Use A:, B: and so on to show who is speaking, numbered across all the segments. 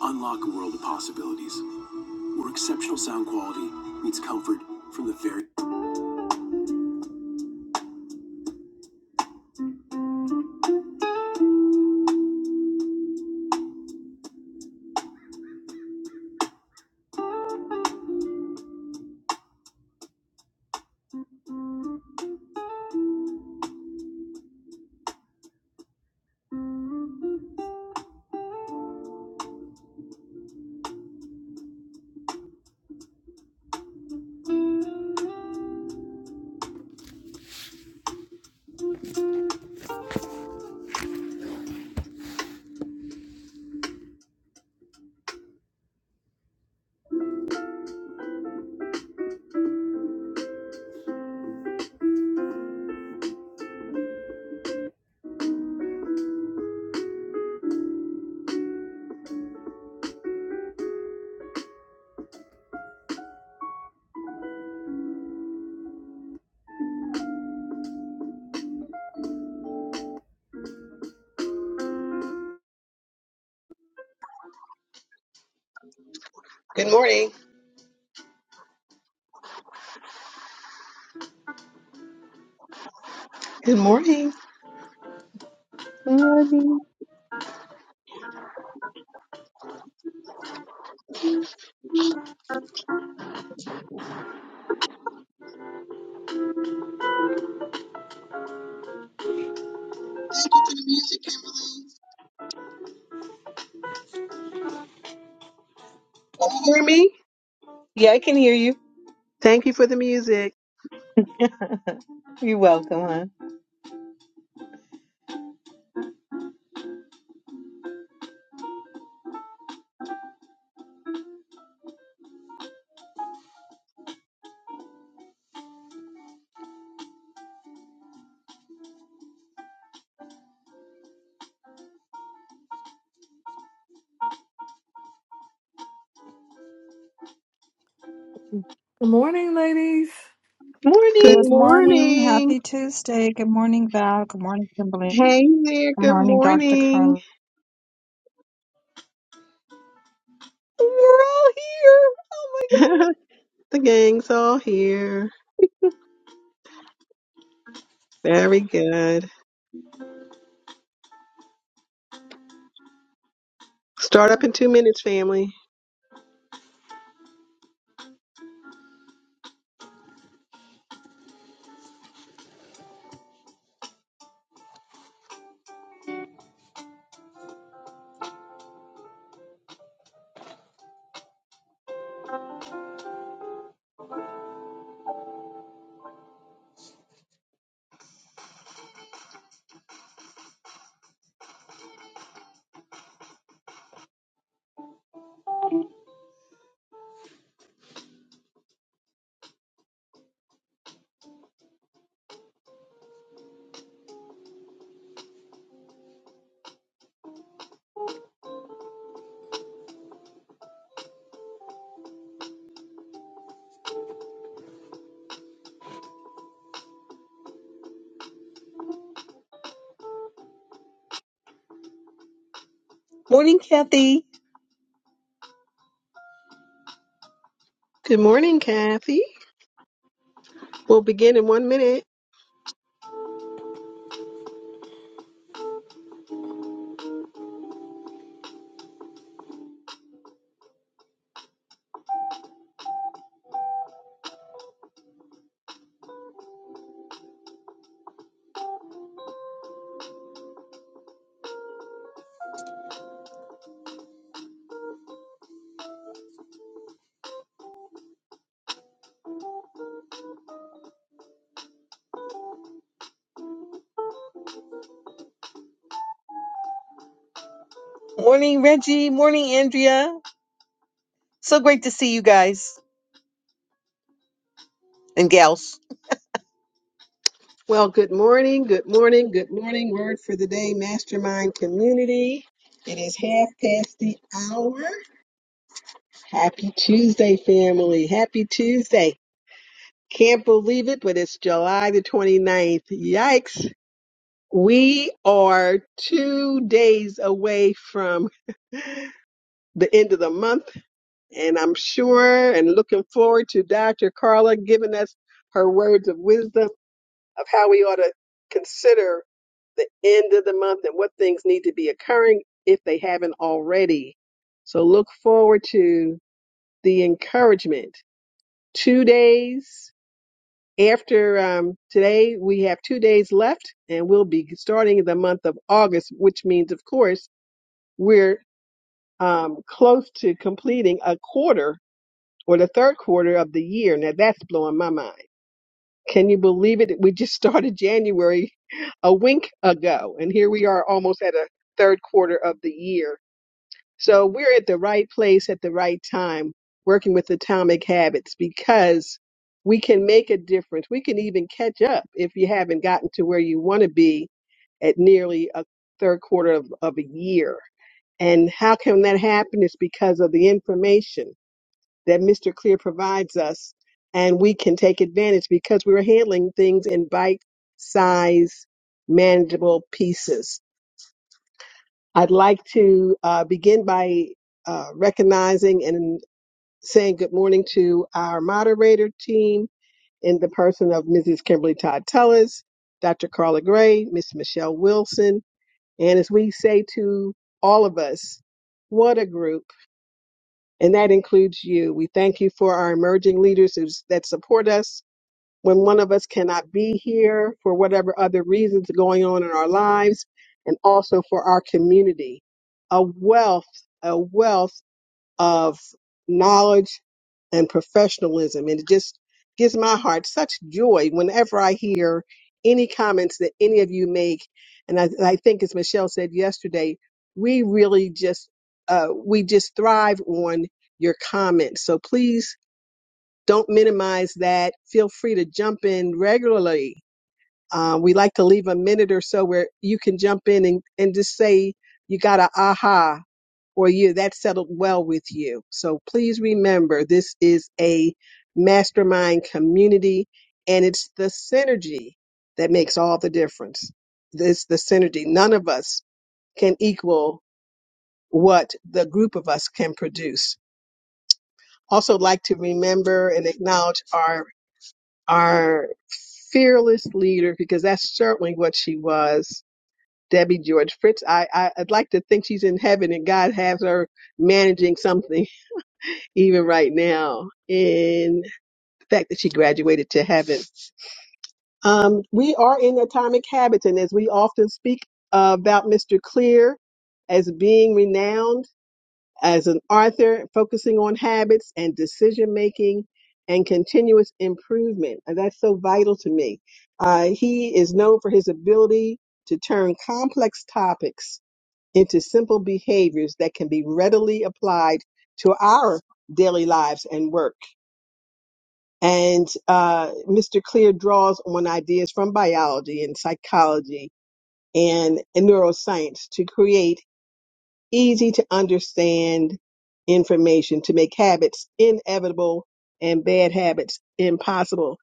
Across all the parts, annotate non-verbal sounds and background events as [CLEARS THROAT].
A: Unlock a world of possibilities where exceptional sound quality meets comfort from the very
B: Good morning. Good morning. Can
A: morning.
B: you hear me?
A: Yeah, I can hear you.
B: Thank you for the music.
A: [LAUGHS] You're welcome, huh?
C: Good morning, ladies.
B: Good
A: Morning.
D: Good morning.
B: morning.
D: Happy Tuesday. Good morning, Val. Good morning, Kimberly.
B: Hey there.
D: Good
B: Good
D: morning, Dr.
B: morning.
D: Carla.
A: We're all here. Oh my
B: [LAUGHS]
A: God.
B: the gang's all here. Very good. Start up in two minutes, family.
A: Morning, Kathy.
B: Good morning, Kathy. We'll begin in one minute.
A: Morning, Reggie. Morning, Andrea. So great to see you guys and gals.
B: Well, good morning. Good morning. Good morning. Word for the day, Mastermind Community. It is half past the hour. Happy Tuesday, family. Happy Tuesday. Can't believe it, but it's July the 29th. Yikes. We are two days away from the end of the month, and I'm sure and looking forward to Dr. Carla giving us her words of wisdom of how we ought to consider the end of the month and what things need to be occurring if they haven't already. So look forward to the encouragement. Two days. After um, today, we have two days left, and we'll be starting the month of August, which means, of course, we're um, close to completing a quarter or the third quarter of the year. Now, that's blowing my mind. Can you believe it? We just started January [LAUGHS] a wink ago, and here we are almost at a third quarter of the year. So we're at the right place at the right time working with atomic habits because we can make a difference. We can even catch up if you haven't gotten to where you want to be at nearly a third quarter of, of a year. And how can that happen? It's because of the information that Mr. Clear provides us and we can take advantage because we're handling things in bite size manageable pieces. I'd like to uh, begin by uh, recognizing and saying good morning to our moderator team in the person of Mrs. Kimberly Todd Tellis, Dr. Carla Gray, Miss Michelle Wilson, and as we say to all of us, what a group, and that includes you. We thank you for our emerging leaders who's, that support us when one of us cannot be here for whatever other reasons going on in our lives and also for our community. A wealth, a wealth of knowledge and professionalism. And it just gives my heart such joy whenever I hear any comments that any of you make. And I, and I think as Michelle said yesterday, we really just, uh, we just thrive on your comments. So please don't minimize that. Feel free to jump in regularly. Uh, we like to leave a minute or so where you can jump in and, and just say you got a aha or you that settled well with you. So please remember this is a mastermind community and it's the synergy that makes all the difference. It's the synergy. None of us can equal what the group of us can produce. Also like to remember and acknowledge our our fearless leader, because that's certainly what she was, Debbie George Fritz. I, I, I'd like to think she's in heaven and God has her managing something [LAUGHS] even right now in the fact that she graduated to heaven. Um, we are in Atomic Habits, and as we often speak about Mr. Clear as being renowned, as an author, focusing on habits and decision making and continuous improvement. And that's so vital to me. Uh, he is known for his ability to turn complex topics into simple behaviors that can be readily applied to our daily lives and work. And uh, Mr. Clear draws on ideas from biology and psychology and, and neuroscience to create easy to understand information to make habits inevitable and bad habits impossible.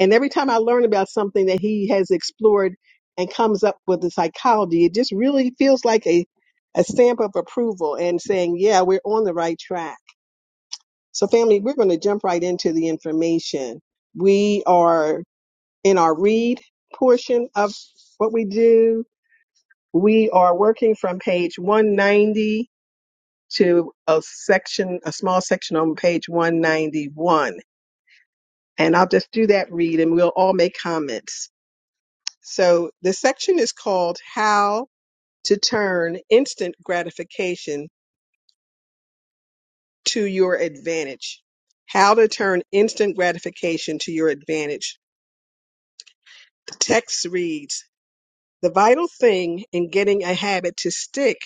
B: And every time I learn about something that he has explored and comes up with the psychology, it just really feels like a, a stamp of approval and saying, yeah, we're on the right track. So, family, we're going to jump right into the information. We are in our read portion of what we do. We are working from page 190 to a section, a small section on page 191. And I'll just do that read and we'll all make comments. So the section is called How to Turn Instant Gratification to Your Advantage. How to Turn Instant Gratification to Your Advantage. The text reads The vital thing in getting a habit to stick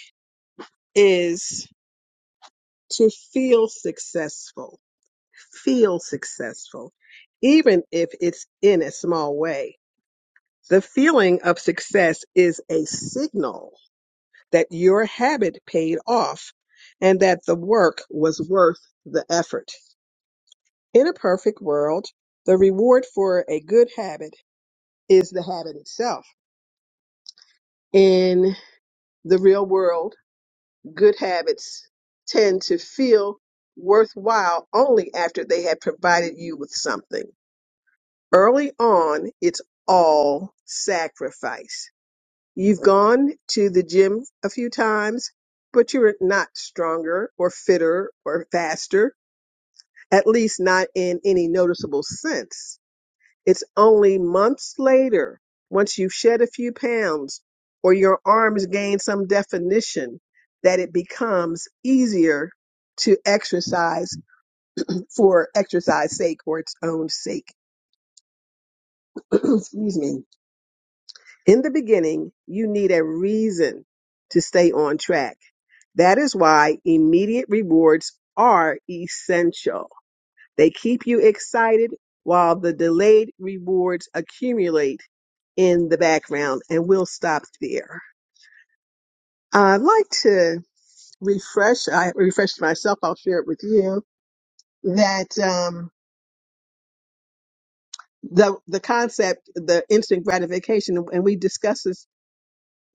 B: is to feel successful feel successful, even if it's in a small way. The feeling of success is a signal that your habit paid off and that the work was worth the effort. In a perfect world, the reward for a good habit is the habit itself. In the real world, good habits tend to feel worthwhile only after they have provided you with something. Early on, it's all sacrifice. You've gone to the gym a few times, but you're not stronger or fitter or faster, at least not in any noticeable sense. It's only months later, once you've shed a few pounds or your arms gain some definition, that it becomes easier to exercise for exercise sake or its own sake. [CLEARS THROAT] Excuse me In the beginning, you need a reason to stay on track. That is why immediate rewards are essential. They keep you excited while the delayed rewards accumulate in the background, and we'll stop there. I'd like to refresh. I refreshed myself. I'll share it with you that um, the the concept, the instant gratification, and we discussed this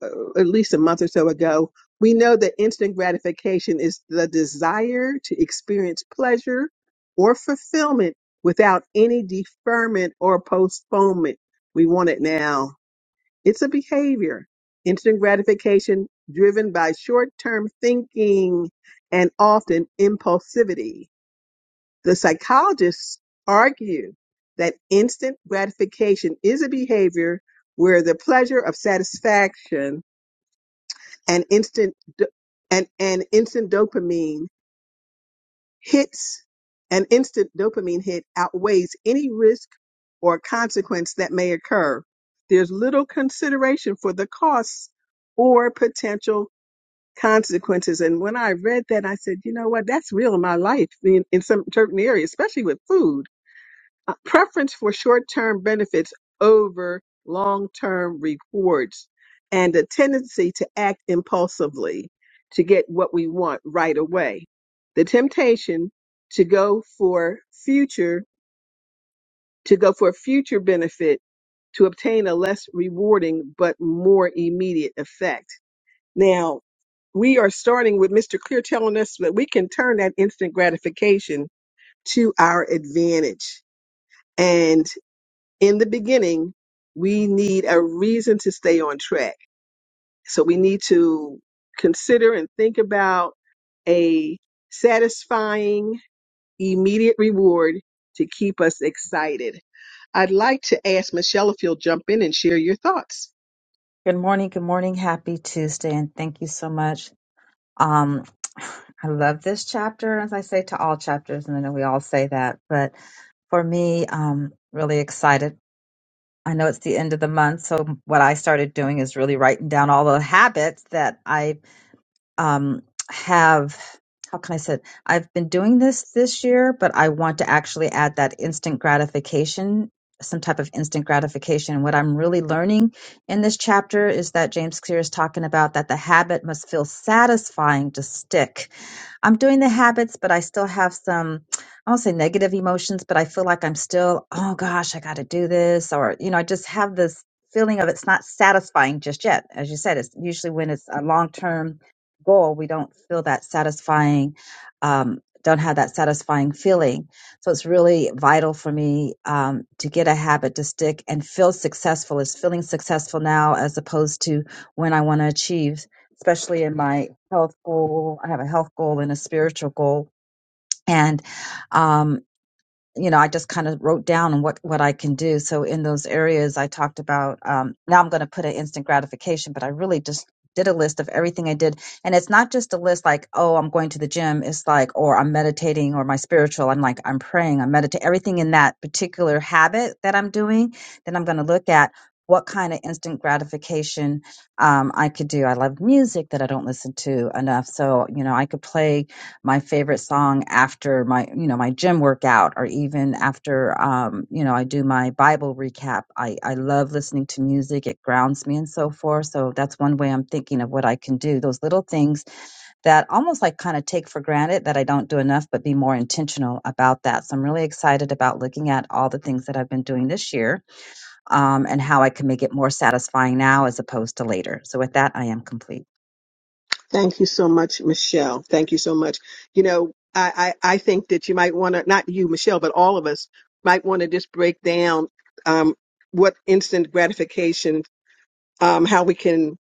B: uh, at least a month or so ago. We know that instant gratification is the desire to experience pleasure or fulfillment without any deferment or postponement. We want it now. It's a behavior. Instant gratification driven by short term thinking and often impulsivity. The psychologists argue that instant gratification is a behavior where the pleasure of satisfaction an instant do- an, an instant dopamine hits an instant dopamine hit outweighs any risk or consequence that may occur there's little consideration for the costs or potential consequences and when i read that i said you know what that's real in my life in, in some certain areas especially with food a preference for short-term benefits over long-term rewards and a tendency to act impulsively to get what we want right away the temptation to go for future to go for future benefit to obtain a less rewarding but more immediate effect now we are starting with mr clear telling us that we can turn that instant gratification to our advantage and in the beginning, we need a reason to stay on track. So we need to consider and think about a satisfying immediate reward to keep us excited. I'd like to ask Michelle if you'll jump in and share your thoughts.
D: Good morning. Good morning. Happy Tuesday. And thank you so much. Um, I love this chapter, as I say to all chapters, and I know we all say that, but for me, um, really excited. I know it's the end of the month, so what I started doing is really writing down all the habits that I um, have how can I say it? I've been doing this this year, but I want to actually add that instant gratification, some type of instant gratification. What I'm really learning in this chapter is that James Clear is talking about that the habit must feel satisfying to stick. I'm doing the habits, but I still have some, I won't say negative emotions, but I feel like I'm still, oh gosh, I got to do this. Or, you know, I just have this feeling of it's not satisfying just yet. As you said, it's usually when it's a long term goal, we don't feel that satisfying, um, don't have that satisfying feeling. So it's really vital for me um, to get a habit to stick and feel successful. Is feeling successful now as opposed to when I want to achieve, especially in my health goal. I have a health goal and a spiritual goal, and um, you know, I just kind of wrote down what what I can do. So in those areas, I talked about. Um, now I'm going to put an instant gratification, but I really just did a list of everything I did, and it's not just a list like, oh, I'm going to the gym. It's like, or I'm meditating, or my spiritual. I'm like, I'm praying, I'm meditating. Everything in that particular habit that I'm doing, then I'm going to look at what kind of instant gratification um, I could do. I love music that I don't listen to enough, so you know, I could play my favorite song after my you know my gym workout or even after um you know I do my bible recap I I love listening to music it grounds me and so forth so that's one way I'm thinking of what I can do those little things that almost like kind of take for granted that I don't do enough but be more intentional about that so I'm really excited about looking at all the things that I've been doing this year um and how I can make it more satisfying now as opposed to later so with that I am complete
B: Thank you so much, Michelle. Thank you so much. You know, I, I, I think that you might want to, not you, Michelle, but all of us might want to just break down um, what instant gratification, um, how we can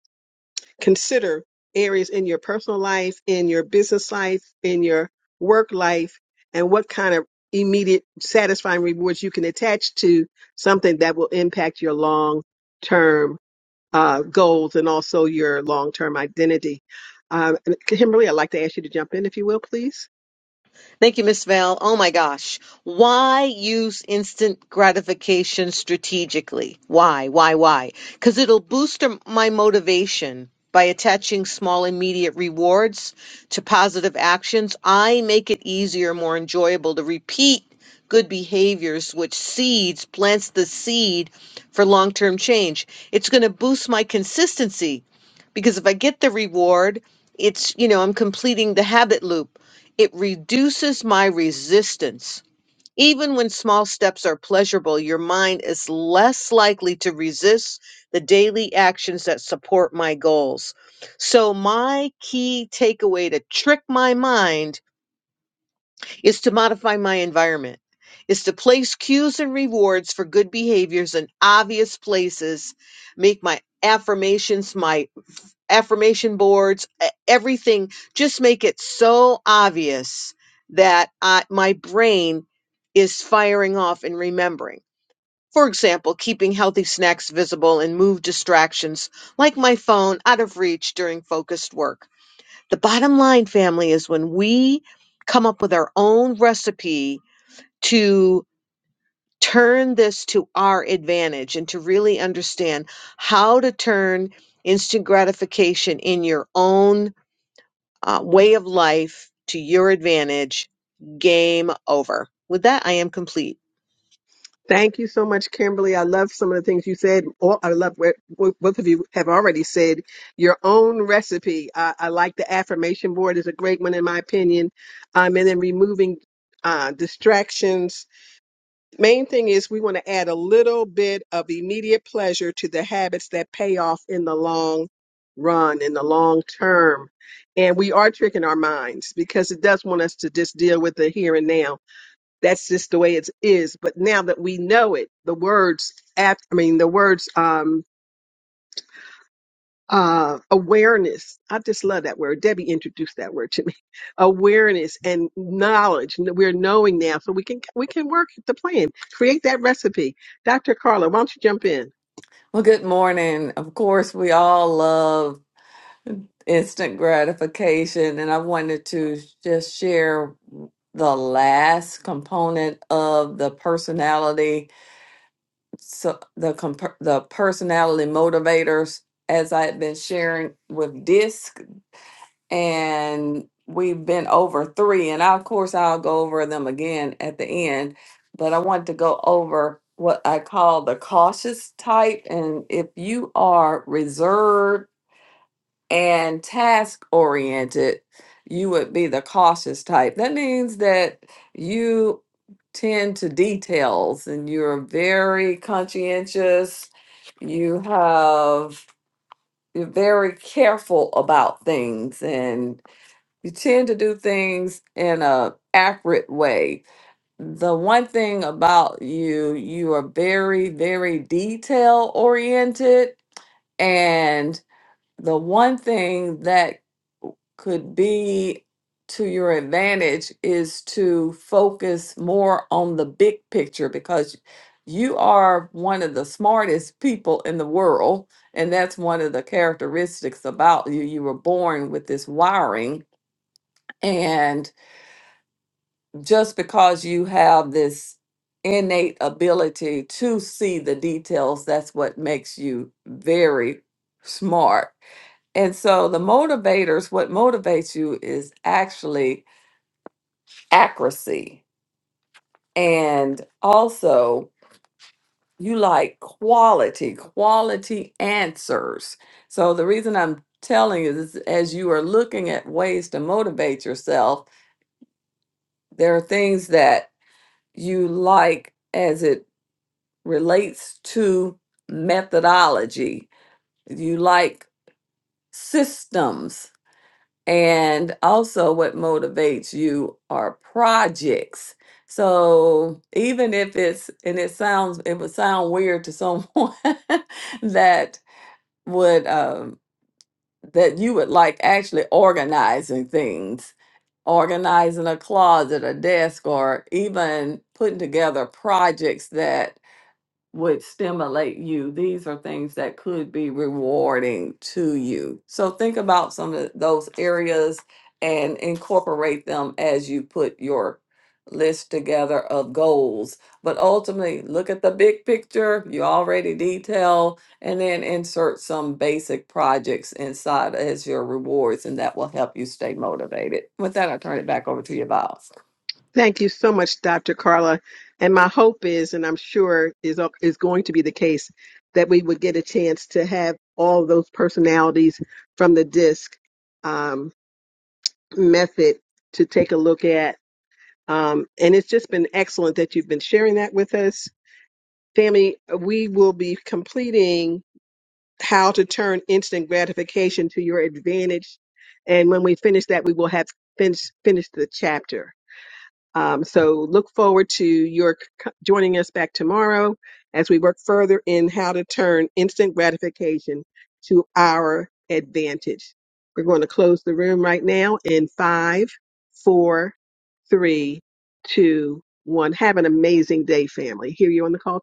B: consider areas in your personal life, in your business life, in your work life, and what kind of immediate satisfying rewards you can attach to something that will impact your long term uh, goals and also your long term identity. Uh, Kimberly, I'd like to ask you to jump in if you will, please.
A: Thank you, Miss Val. Oh my gosh. Why use instant gratification strategically? Why, why, why? Because it'll boost my motivation by attaching small immediate rewards to positive actions. I make it easier, more enjoyable to repeat good behaviors, which seeds, plants the seed for long term change. It's going to boost my consistency because if I get the reward, it's, you know, I'm completing the habit loop it reduces my resistance. Even when small steps are pleasurable, your mind is less likely to resist the daily actions that support my goals. So, my key takeaway to trick my mind is to modify my environment, is to place cues and rewards for good behaviors in obvious places, make my affirmations my affirmation boards, e- everything. Just make it so obvious that I, my brain is firing off and remembering. For example, keeping healthy snacks visible and move distractions like my phone out of reach during focused work. The bottom line, family, is when we come up with our own recipe to turn this to our advantage and to really understand how to turn instant gratification in your own uh, way of life to your advantage. Game over. With that, I am complete.
B: Thank you so much, Kimberly. I love some of the things you said. All I love what what both of you have already said. Your own recipe. I, I like the affirmation board is a great one in my opinion. Um, and then removing uh, distractions. Main thing is we want to add a little bit of immediate pleasure to the habits that pay off in the long run, in the long term. And we are tricking our minds because it does want us to just deal with the here and now that's just the way it is. But now that we know it, the words after, I mean, the words, um, uh, awareness. I just love that word. Debbie introduced that word to me. [LAUGHS] Awareness and knowledge. We're knowing now, so we can we can work the plan, create that recipe. Dr. Carla, why don't you jump in?
C: Well, good morning. Of course, we all love instant gratification, and I wanted to just share the last component of the personality, so the comp- the personality motivators, as I had been sharing with DISC. and we've been over three and of course i'll go over them again at the end but i want to go over what i call the cautious type and if you are reserved and task oriented you would be the cautious type that means that you tend to details and you're very conscientious you have you're very careful about things and you tend to do things in a accurate way the one thing about you you are very very detail oriented and the one thing that could be to your advantage is to focus more on the big picture because you are one of the smartest people in the world and that's one of the characteristics about you you were born with this wiring and just because you have this innate ability to see the details, that's what makes you very smart. And so the motivators, what motivates you is actually accuracy. And also, you like quality, quality answers. So the reason I'm telling you is as you are looking at ways to motivate yourself, there are things that you like as it. relates to methodology. You like systems and also what motivates you are projects. So even if it's and it sounds it would sound weird to someone [LAUGHS] that would um that you would like actually organizing things, organizing a closet, a desk, or even putting together projects that would stimulate you. These are things that could be rewarding to you. So think about some of those areas and incorporate them as you put your list together of goals. But ultimately, look at the big picture you already detail and then insert some basic projects inside as your rewards and that will help you stay motivated. With that, I turn it back over to you, Bob.
B: Thank you so much, Dr. Carla. And my hope is, and I'm sure is is going to be the case, that we would get a chance to have all those personalities from the DISC um, method to take a look at. Um, and it's just been excellent that you've been sharing that with us. Tammy, we will be completing how to turn instant gratification to your advantage. And when we finish that, we will have finished finished the chapter. Um, so look forward to your c- joining us back tomorrow as we work further in how to turn instant gratification to our advantage. We're going to close the room right now in five, four, three, two, one. Have an amazing day, family. Hear you on the call.